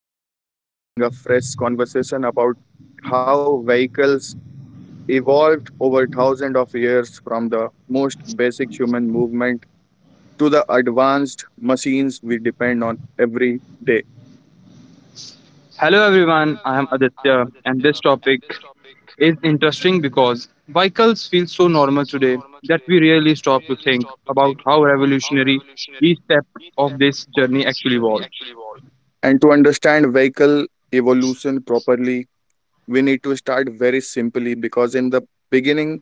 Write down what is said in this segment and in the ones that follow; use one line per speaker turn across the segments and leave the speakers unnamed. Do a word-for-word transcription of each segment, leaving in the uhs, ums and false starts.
today we are starting a fresh conversation about how vehicles evolved over thousands of years from the most basic human movement to the advanced machines we depend on every day.
Hello everyone, I am Aditya and this topic is interesting because vehicles feel so normal today that we rarely stop to think about how revolutionary each step of this journey actually was.
And to understand vehicle evolution properly, we need to start very simply because in the beginning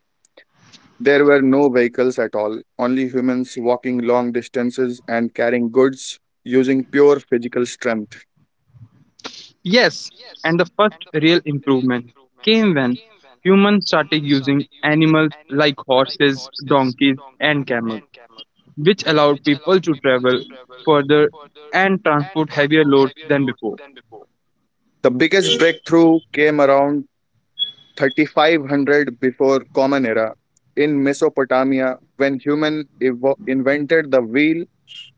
there were no vehicles at all, only humans walking long distances and carrying goods using pure physical strength.
Yes, and the first real improvement came when humans started using animals like horses, donkeys and camels, which allowed people to travel further and transport heavier loads than before.
The biggest breakthrough came around thirty-five hundred before Common Era in Mesopotamia when human evo- invented the wheel,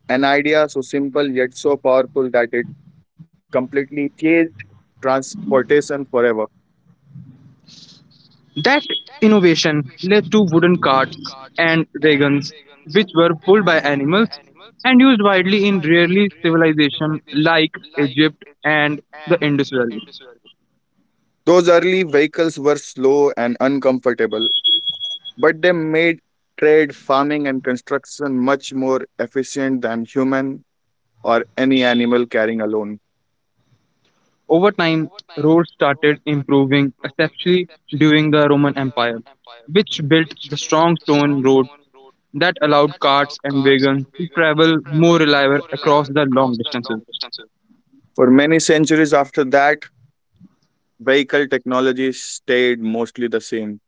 an idea so simple yet so powerful that it completely changed transportation forever.
That innovation led to wooden carts and wagons, which were pulled by animals and used widely in rarely civilization like Egypt and the Indus Valley.
Those early vehicles were slow and uncomfortable, but they made trade, farming, and construction much more efficient than human or any animal carrying alone.
Over time, roads started improving, especially during the Roman Empire, which built the strong stone road that allowed carts and wagons to travel more reliably across the long distances.
For many centuries after that, vehicle technology stayed mostly the same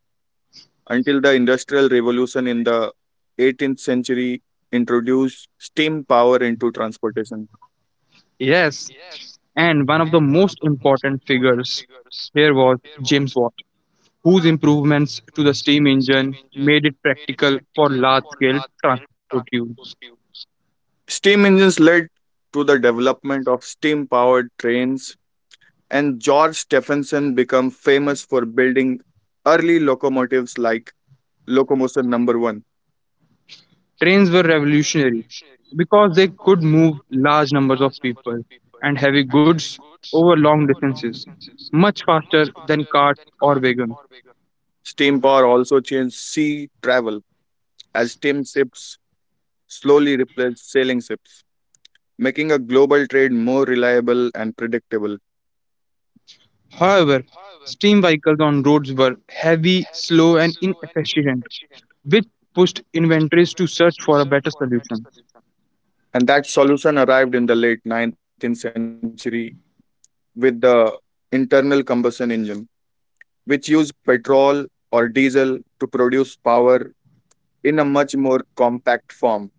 until the Industrial Revolution in the eighteenth century introduced steam power into transportation.
Yes, and one of the most important figures here was James Watt, whose improvements to the steam engine made it practical for large scale transport use.
Steam engines led to the development of steam powered trains, and George Stephenson became famous for building early locomotives like Locomotion Number One.
Trains were revolutionary because they could move large numbers of people and heavy goods over long distances much faster than carts or wagons.
Steam power also changed sea travel as steam ships slowly replaced sailing ships making a global trade more reliable and predictable.
However, steam vehicles on roads were heavy, slow, and inefficient, which pushed inventories to search for a better solution.
And that solution arrived in the late nineteenth century with the internal combustion engine, which used petrol or diesel to produce power in a much more compact form.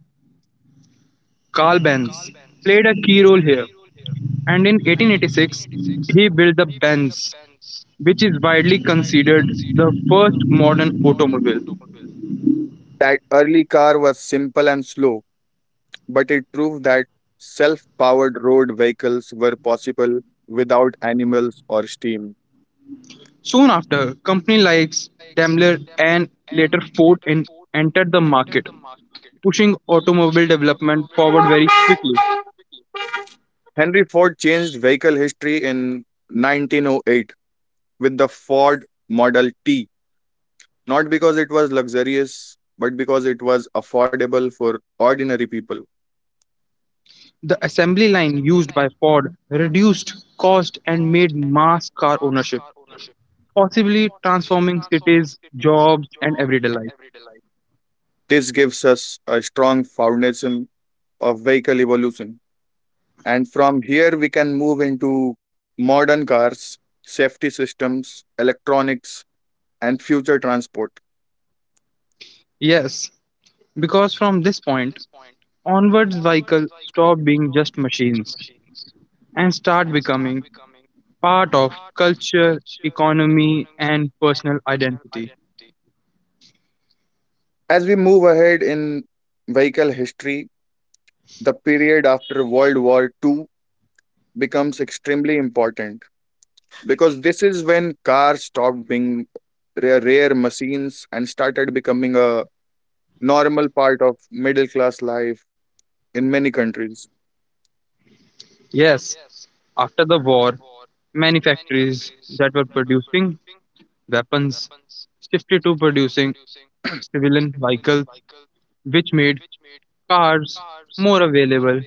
Carl Benz played a key role here, and in eighteen eighty-six he built the Benz, which is widely considered the first modern automobile.
That early car was simple and slow, but it proved that self powered road vehicles were possible without animals or steam.
Soon after, companies like Daimler and later Ford en- entered the market, pushing automobile development forward very quickly.
Henry Ford changed vehicle history in nineteen oh eight with the Ford Model T. Not because it was luxurious, but because it was affordable for ordinary people.
The assembly line used by Ford reduced cost and made mass car ownership, possibly transforming cities, jobs, and everyday life.
This gives us a strong foundation of vehicle evolution. And from here, we can move into modern cars, safety systems, electronics, and future transport.
Yes, because from this point onwards, vehicles stop being just machines and start becoming part of culture, economy, and personal identity.
As we move ahead in vehicle history, the period after World War Two becomes extremely important because this is when cars stopped being rare, rare machines and started becoming a normal part of middle class life in many countries.
Yes, after the war, many factories that were producing weapons shifted to producing civilian vehicles which made cars more available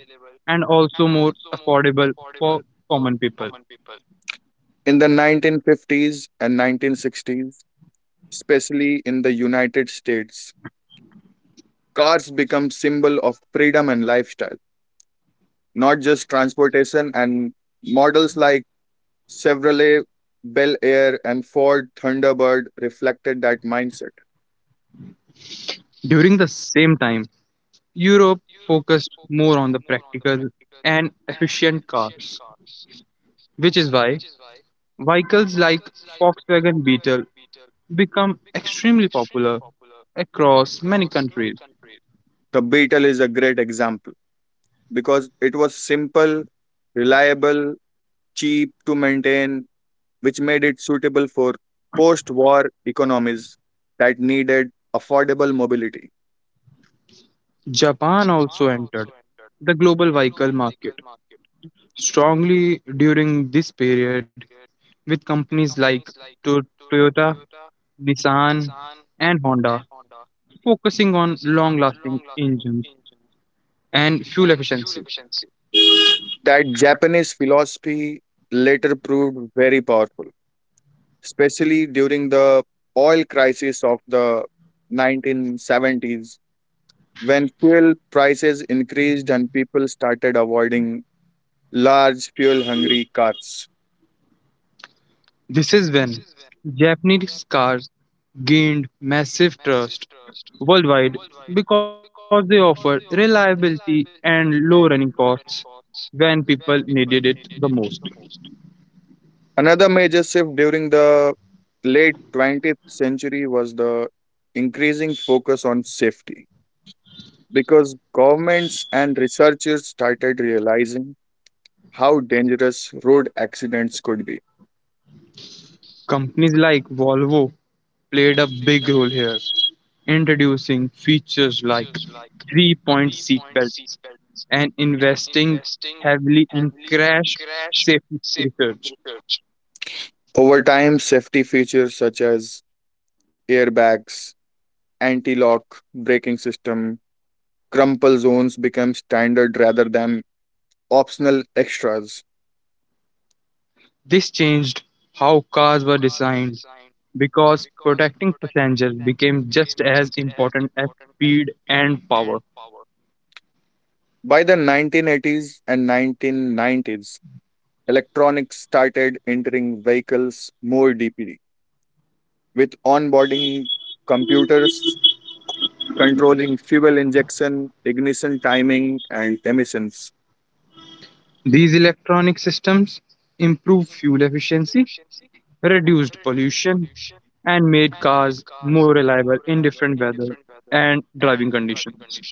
and also more affordable for common people.
In the nineteen fifties and nineteen sixties, especially in the United States, cars become symbol of freedom and lifestyle, not just transportation and models like Chevrolet Bel Air and Ford Thunderbird reflected that mindset.
During the same time, Europe focused more on the practical and efficient cars, which is why vehicles like Volkswagen Beetle become extremely popular across many countries.
The Beetle is a great example. Because it was simple, reliable, cheap to maintain, which made it suitable for post war economies that needed affordable mobility.
Japan also entered the global vehicle market strongly during this period with companies like To- Toyota, Nissan, and Honda, focusing on long lasting engines and fuel efficiency.
That Japanese philosophy later proved very powerful, especially during the oil crisis of the nineteen seventies, when fuel prices increased and people started avoiding large fuel hungry cars.
This is when Japanese cars gained massive trust worldwide because they offered reliability and low running costs when people needed it the most.
Another major shift during the late twentieth century was the increasing focus on safety because governments and researchers started realizing how dangerous road accidents could be.
Companies like Volvo played a big role here, introducing features like three point seat belts and investing heavily in crash safety research.
Over time, safety features such as airbags, anti lock braking system, crumple zones became standard rather than optional extras.
This changed how cars were designed because protecting passengers became just as important as speed and power.
By the nineteen eighties and nineteen nineties, electronics started entering vehicles more deeply, with onboarding computers controlling fuel injection, ignition timing, and emissions.
These electronic systems improve fuel efficiency reduced pollution, and made cars more reliable in different weather and driving conditions.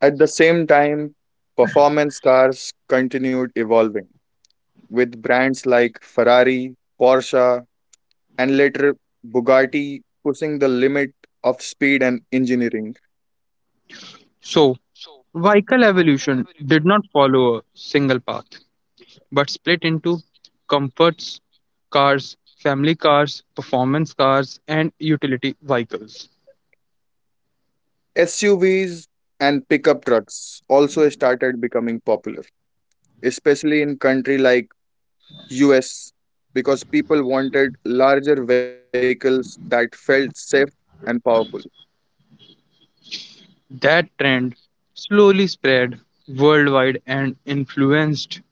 At the same time, performance cars continued evolving, with brands like Ferrari, Porsche, and later Bugatti pushing the limit of speed and engineering.
So, vehicle evolution did not follow a single path but split into comforts cars, family cars, performance cars, and utility vehicles.
S U Vs and pickup trucks also started becoming popular, especially in country like U S because people wanted larger vehicles that felt safe and powerful.
That trend slowly spread worldwide and influenced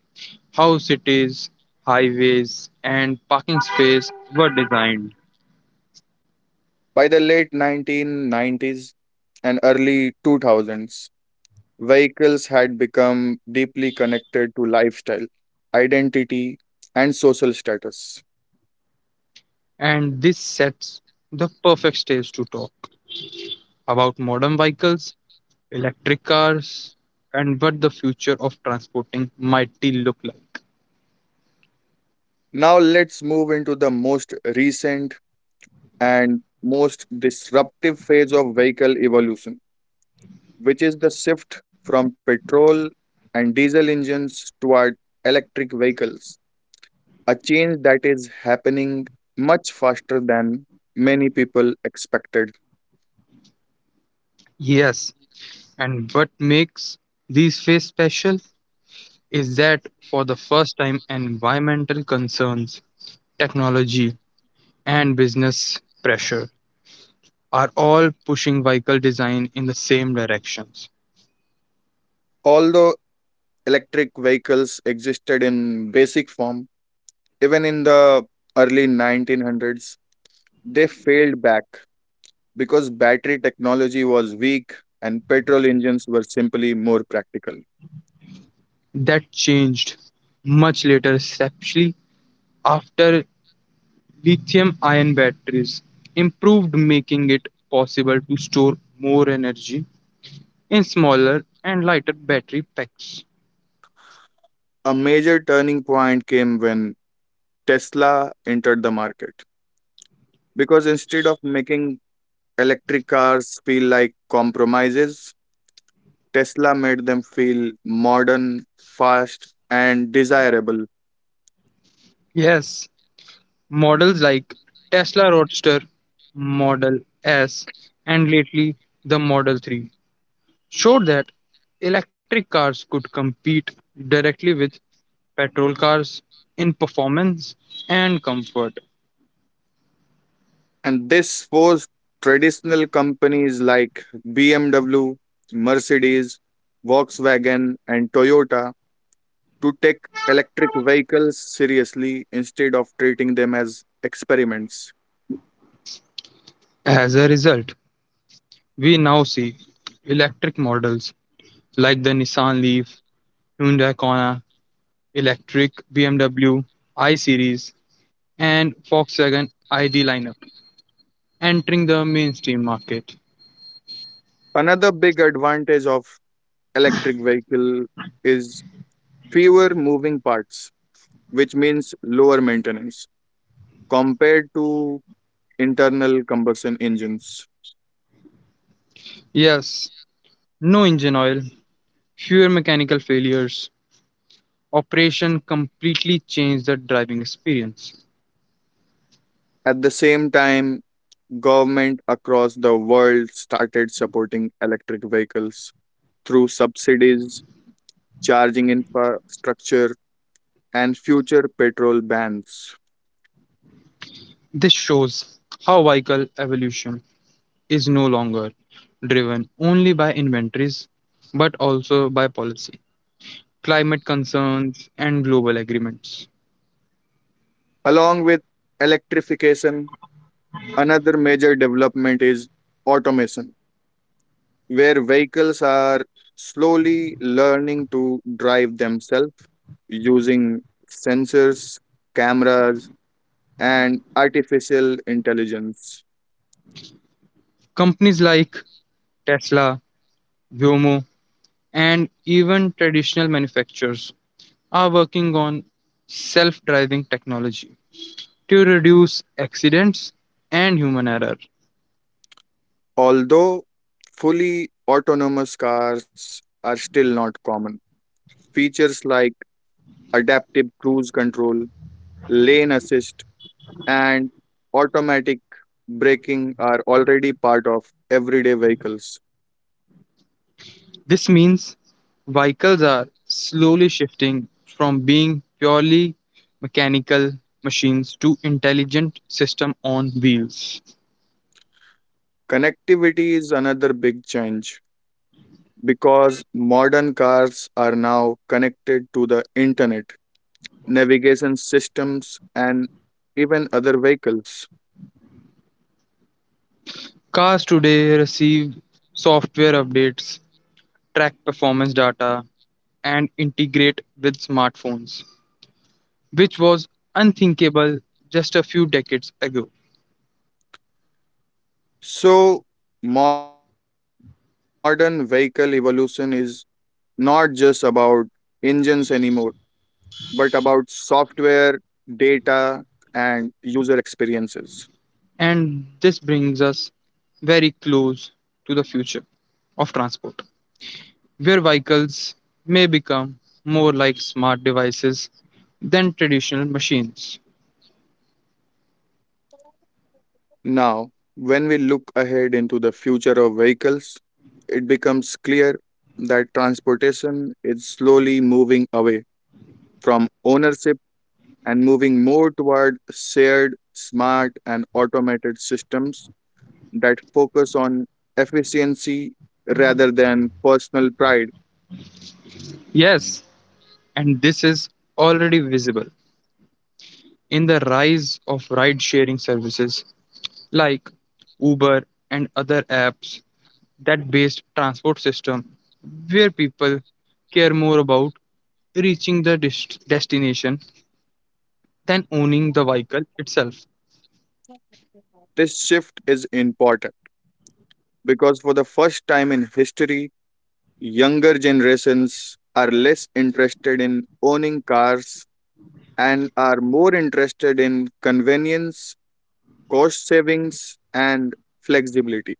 how cities, highways, and parking space were designed.
By the late nineteen nineties and early two thousands, vehicles had become deeply connected to lifestyle, identity, and social status.
And this sets the perfect stage to talk about modern vehicles, electric cars, and what the future of transporting might look like.
Now let's move into the most recent and most disruptive phase of vehicle evolution, which is the shift from petrol and diesel engines toward electric vehicles a change that is happening much faster than many people expected.
Yes, and what makes these phase special is that for the first time, environmental concerns, technology, and business pressure are all pushing vehicle design in the same directions.
Although electric vehicles existed in basic form, even in the early nineteen hundreds, they failed back because battery technology was weak and petrol engines were simply more practical.
That changed much later, especially after Lithium-ion batteries improved making it possible to store more energy in smaller and lighter battery packs.
A major turning point came when Tesla entered the market because instead of making electric cars feel like compromises Tesla made them feel modern, fast, and desirable.
Yes, models like Tesla Roadster, Model S, and lately the Model three showed that electric cars could compete directly with petrol cars in performance and comfort.
And this forced traditional companies like B M W, Mercedes, Volkswagen, and Toyota to take electric vehicles seriously instead of treating them as experiments.
As a result, we now see electric models like the Nissan Leaf, Hyundai Kona, electric B M W I Series, and Volkswagen I D lineup entering the mainstream market.
Another big advantage of electric vehicle is fewer moving parts, which means lower maintenance compared to internal combustion engines.
Yes, no engine oil, fewer mechanical failures, operation completely changed the driving experience.
At the same time, government across the world started supporting electric vehicles through subsidies, charging infrastructure, and future petrol bans.
This shows how vehicle evolution is no longer driven only by inventories but also by policy, climate concerns, and global agreements.
Along with electrification, another major development is automation, where vehicles are slowly learning to drive themselves using sensors, cameras, and artificial intelligence.
Companies like Tesla, Viomo, and even traditional manufacturers are working on self driving technology to reduce accidents and human error.
Although fully autonomous cars are still not common, features like adaptive cruise control, lane assist, and automatic braking are already part of everyday vehicles.
This means vehicles are slowly shifting from being purely mechanical machines to intelligent system on wheels.
Connectivity is another big change because modern cars are now connected to the internet, navigation systems, and even other vehicles.
Cars today receive software updates, track performance data, and integrate with smartphones, which was unthinkable just a few decades ago.
So, modern vehicle evolution is not just about engines anymore, but about software, data, and user experiences.
And this brings us very close to the future of transport, where vehicles may become more like smart devices than traditional machines.
Now, when we look ahead into the future of vehicles, it becomes clear that transportation is slowly moving away from ownership and moving more toward shared, smart, and automated systems that focus on efficiency rather than personal pride.
Yes, and this is already visible in the rise of ride sharing services like Uber and other apps that based transport system where people care more about reaching the dest- destination than owning the vehicle itself.
This shift is important because for the first time in history, younger generations are less interested in owning cars and are more interested in convenience, cost savings, and flexibility.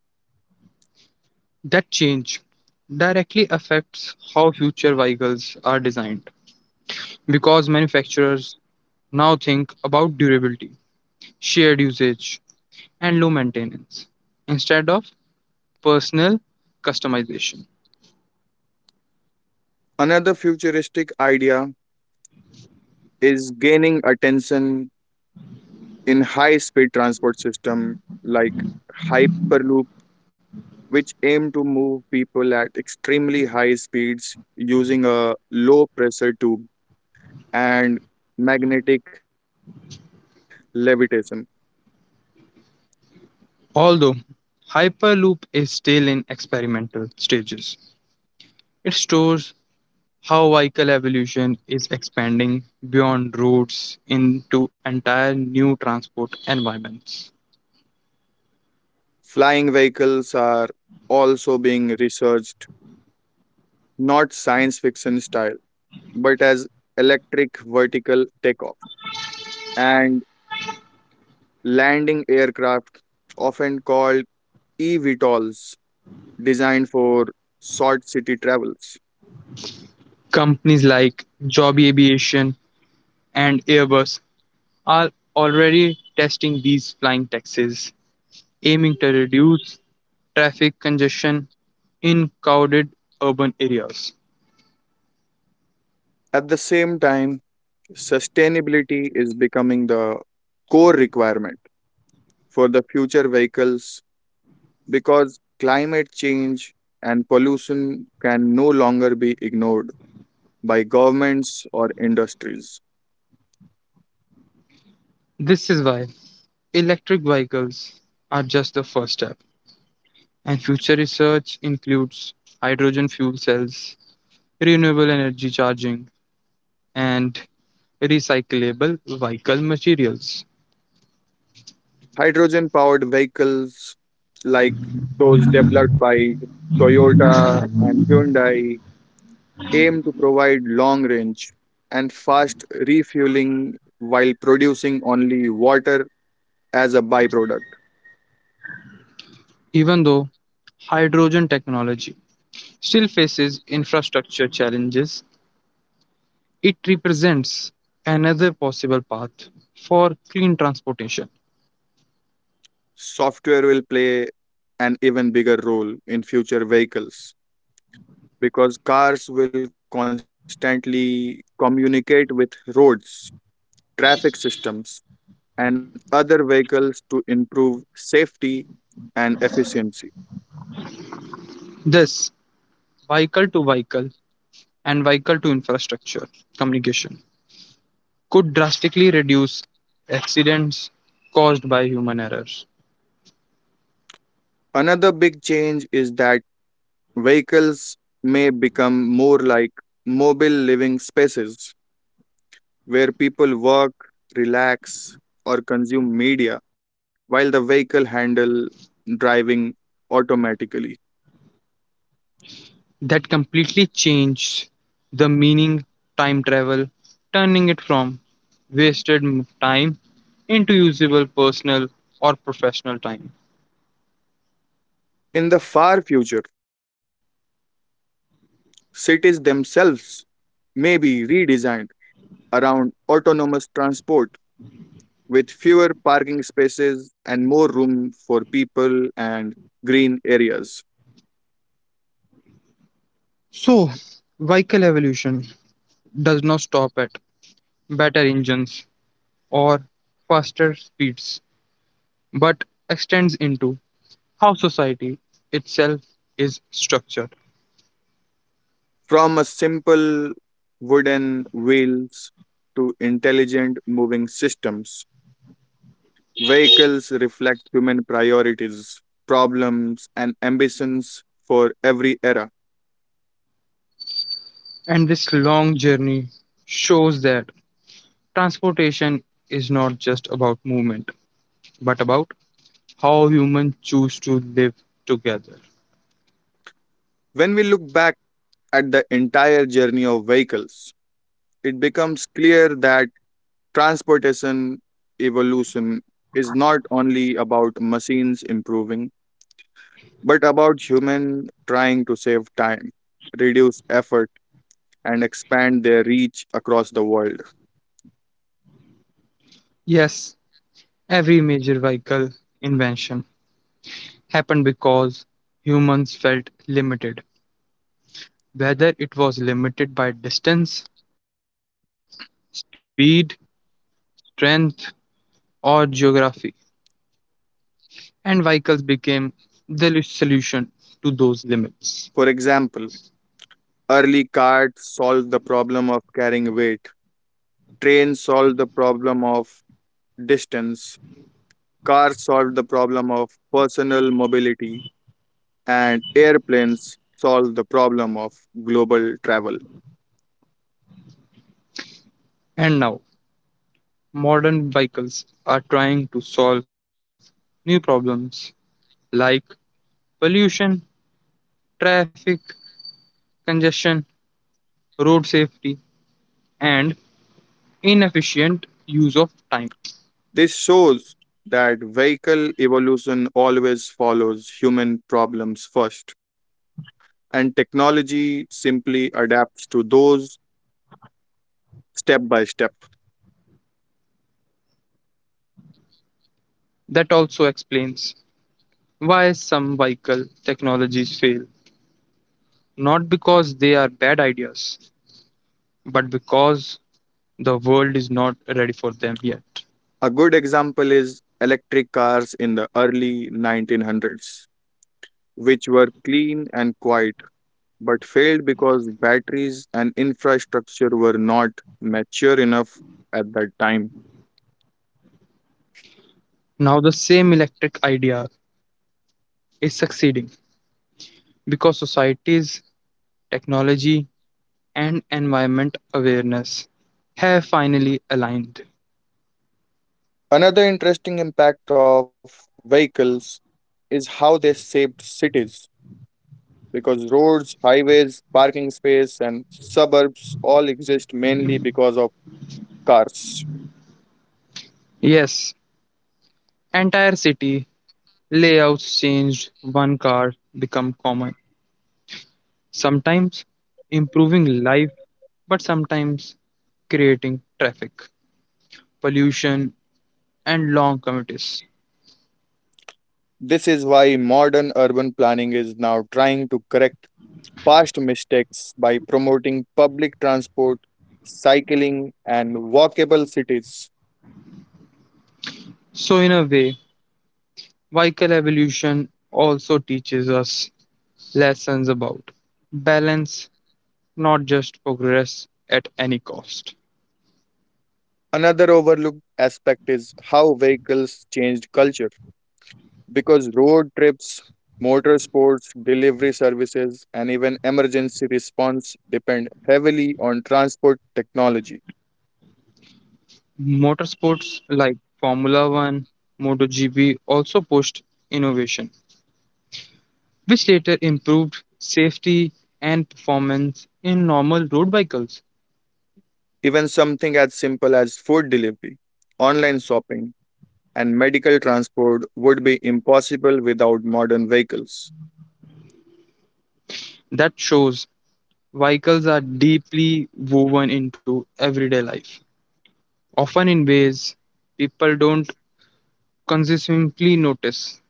That change directly affects how future vehicles are designed because manufacturers now think about durability, shared usage, and low maintenance instead of personal customization.
Another futuristic idea is gaining attention in high speed transport system like hyperloop which aim to move people at extremely high speeds using a low pressure tube and magnetic levitation.
Although Hyperloop is still in experimental stages, it stores how vehicle evolution is expanding beyond roads into entire new transport environments.
Flying vehicles are also being researched, not science fiction style, but as electric vertical takeoff and landing aircraft, often called eVTOLs, designed for short city travels.
Companies like Joby Aviation and Airbus are already testing these flying taxis, aiming to reduce traffic congestion in crowded urban areas.
At the same time, sustainability is becoming the core requirement for the future vehicles because climate change and pollution can no longer be ignored by governments or industries.
This is why electric vehicles are just the first step. And future research includes hydrogen fuel cells, renewable energy charging, and recyclable vehicle materials.
Hydrogen powered vehicles like those developed by Toyota and Hyundai aim to provide long range and fast refueling while producing only water as a byproduct.
Even though hydrogen technology still faces infrastructure challenges, it represents another possible path for clean transportation.
Software will play an even bigger role in future vehicles because cars will constantly communicate with roads, traffic systems, and other vehicles to improve safety and efficiency.
This vehicle to vehicle and vehicle to infrastructure communication could drastically reduce accidents caused by human errors.
Another big change is that vehicles may become more like mobile living spaces where people work, relax, or consume media while the vehicle handle driving automatically.
That completely changed the meaning time travel, turning it from wasted m- time into usable personal or professional time.
In the far future, cities themselves may be redesigned around autonomous transport with fewer parking spaces and more room for people and green areas.
So, vehicle evolution does not stop at better engines or faster speeds, but extends into how society itself is structured.
From a simple wooden wheels to intelligent moving systems, vehicles reflect human priorities, problems, and ambitions for every era.
And this long journey shows that transportation is not just about movement, but about how humans choose to live together.
When we look back at the entire journey of vehicles, it becomes clear that transportation evolution is not only about machines improving, but about human trying to save time, reduce effort, and expand their reach across the world.
Yes, every major vehicle invention happened because humans felt limited, whether it was limited by distance, speed, strength, or geography, and vehicles became the l- solution to those limits.
For example, early carts solved the problem of carrying weight, trains solved the problem of distance, cars solved the problem of personal mobility, and airplanes solved the problem of global travel.
And now, modern vehicles are trying to solve new problems like pollution, traffic, congestion, road safety, and inefficient use of time.
This shows that vehicle evolution always follows human problems first, and technology simply adapts to those step by step.
That also explains why some vehicle technologies fail, not because they are bad ideas, but because the world is not ready for them yet.
A good example is electric cars in the early nineteen hundreds, which were clean and quiet but failed because batteries and infrastructure were not mature enough at that time.
Now, the same electric idea is succeeding because societies, technology, and environment awareness have finally aligned.
Another interesting impact of vehicles is how they shaped cities because roads, highways, parking space, and suburbs all exist mainly because of cars.
Yes, entire city layouts changed, one car become common, sometimes improving life, but sometimes creating traffic, pollution, and long commutes.
This is why modern urban planning is now trying to correct past mistakes by promoting public transport, cycling, and walkable cities.
So, in a way, vehicle evolution also teaches us lessons about balance, not just progress at any cost.
Another overlooked aspect is how vehicles changed culture because road trips, motorsports, delivery services, and even emergency response depend heavily on transport technology.
Motorsports like Formula One, moto G P also pushed innovation, which later improved safety and performance in normal road vehicles.
Even something as simple as food delivery, online shopping, and medical transport would be impossible without modern vehicles.
That shows vehicles are deeply woven into everyday life, often in ways people don't consistently notice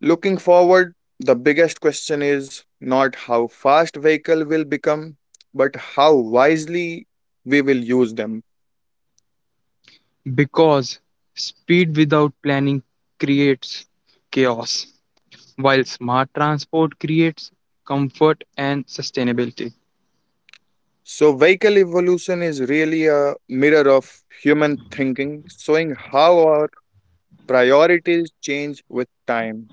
Looking forward, the biggest question is not how fast vehicle will become, but how wisely we will use them.
because speed without planning creates chaos, while smart transport creates comfort and sustainability.
So, vehicle evolution is really a mirror of human thinking, showing how our priorities change with time.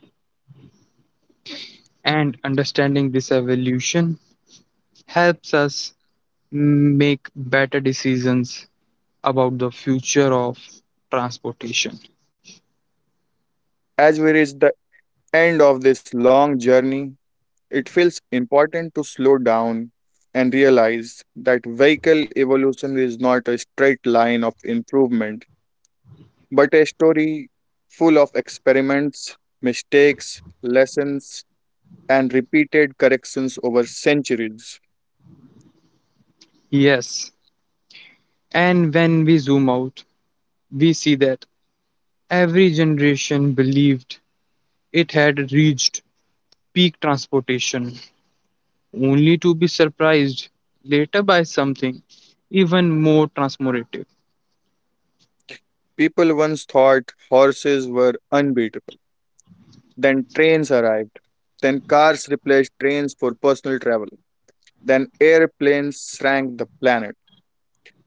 And understanding this evolution helps us make better decisions about the future of transportation.
As we reach the end of this long journey, it feels important to slow down and realize that vehicle evolution is not a straight line of improvement, but a story full of experiments, mistakes, lessons, and repeated corrections over centuries.
Yes, and when we zoom out, we see that every generation believed it had reached peak transportation, only to be surprised later by something even more transformative.
People once thought horses were unbeatable. Then trains arrived. Then cars replaced trains for personal travel. Then airplanes shrank the planet.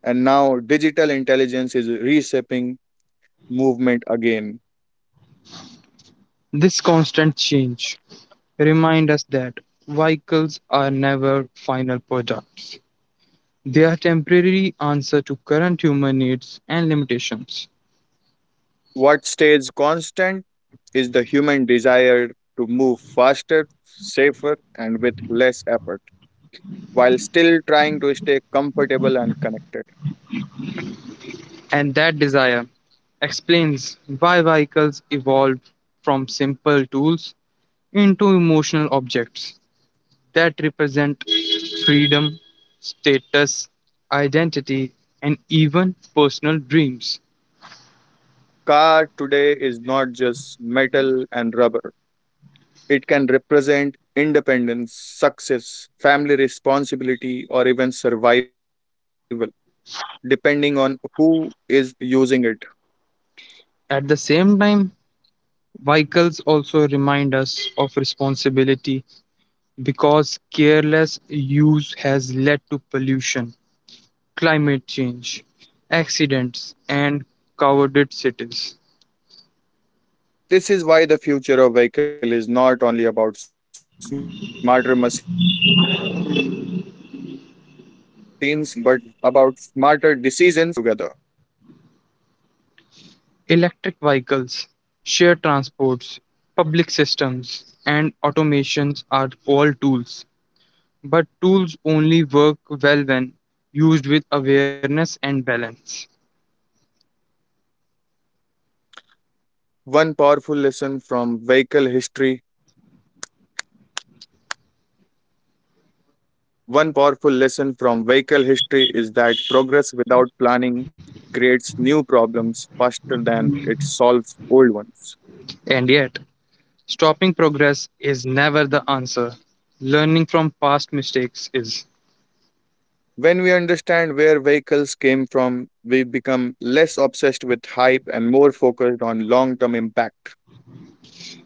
And now digital intelligence is reshaping movement again.
This constant change reminds us that vehicles are never final products. They are temporary answer to current human needs and limitations.
What stays constant is the human desire to move faster, safer, and with less effort, while still trying to stay comfortable and connected.
And that desire explains why vehicles evolved from simple tools into emotional objects that represent freedom, status, identity, and even personal dreams.
Car today is not just metal and rubber. It can represent independence, success, family responsibility, or even survival, depending on who is using it.
At the same time, vehicles also remind us of responsibility because careless use has led to pollution, climate change, accidents, and crowded cities.
This is why the future of vehicle is not only about smarter machines, but about smarter decisions made by human, government, and societies together.
Electric vehicles, shared transports, public systems, and automations are all tools, but tools only work well when used with awareness and balance.
One powerful lesson from vehicle history One powerful lesson from vehicle history is that progress without planning creates new problems faster than it solves old ones.
And yet, stopping progress is never the answer. Learning from past mistakes is.
When we understand where vehicles came from, we become less obsessed with hype and more focused on long term impact.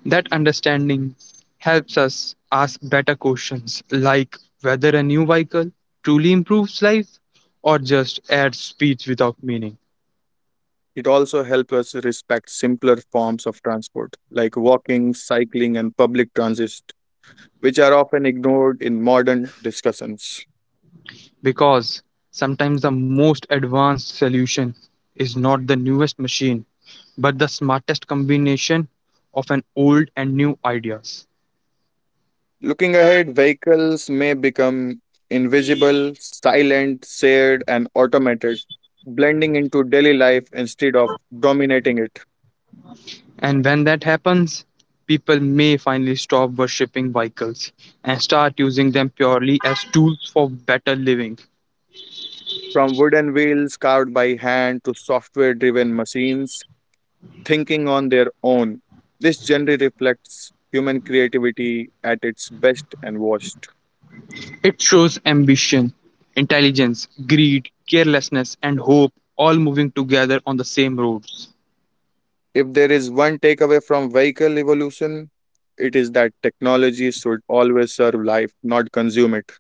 That understanding helps us ask better questions like whether a new vehicle truly improves life or just adds speed without meaning.
It also helps us respect simpler forms of transport, like walking, cycling, and public transit, which are often ignored in modern discussions.
Because sometimes the most advanced solution is not the newest machine, but the smartest combination of an old and new ideas.
Looking ahead, vehicles may become invisible, silent, shared, and automated, blending into daily life instead of dominating it.
And when that happens, people may finally stop worshipping vehicles and start using them purely as tools for better living.
From wooden wheels carved by hand to software driven machines thinking on their own, this generally reflects human creativity at its best and worst.
It shows ambition, intelligence, greed, carelessness, and hope all moving together on the same roads.
If there is one takeaway from vehicle evolution, it is that technology should always serve life, not consume it.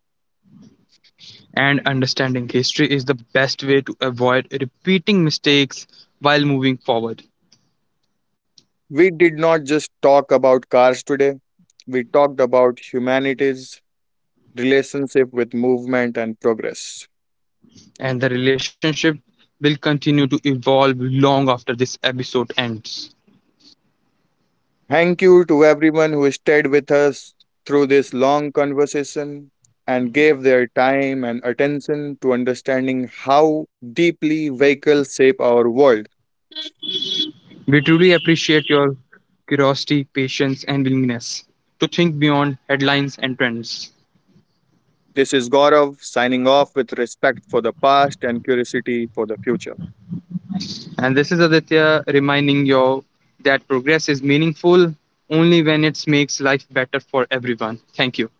And understanding history is the best way to avoid repeating mistakes while moving forward.
We did not just talk about cars today, we talked about humanity's relationship with movement and progress.
And the relationship will continue to evolve long after this episode ends.
Thank you to everyone who stayed with us through this long conversation and gave their time and attention to understanding how deeply vehicles shape our world.
We truly appreciate your curiosity, patience, and willingness to think beyond headlines and trends.
This is Gaurav signing off with respect for the past and curiosity for the future.
And this is Aditya reminding you that progress is meaningful only when it makes life better for everyone. Thank you.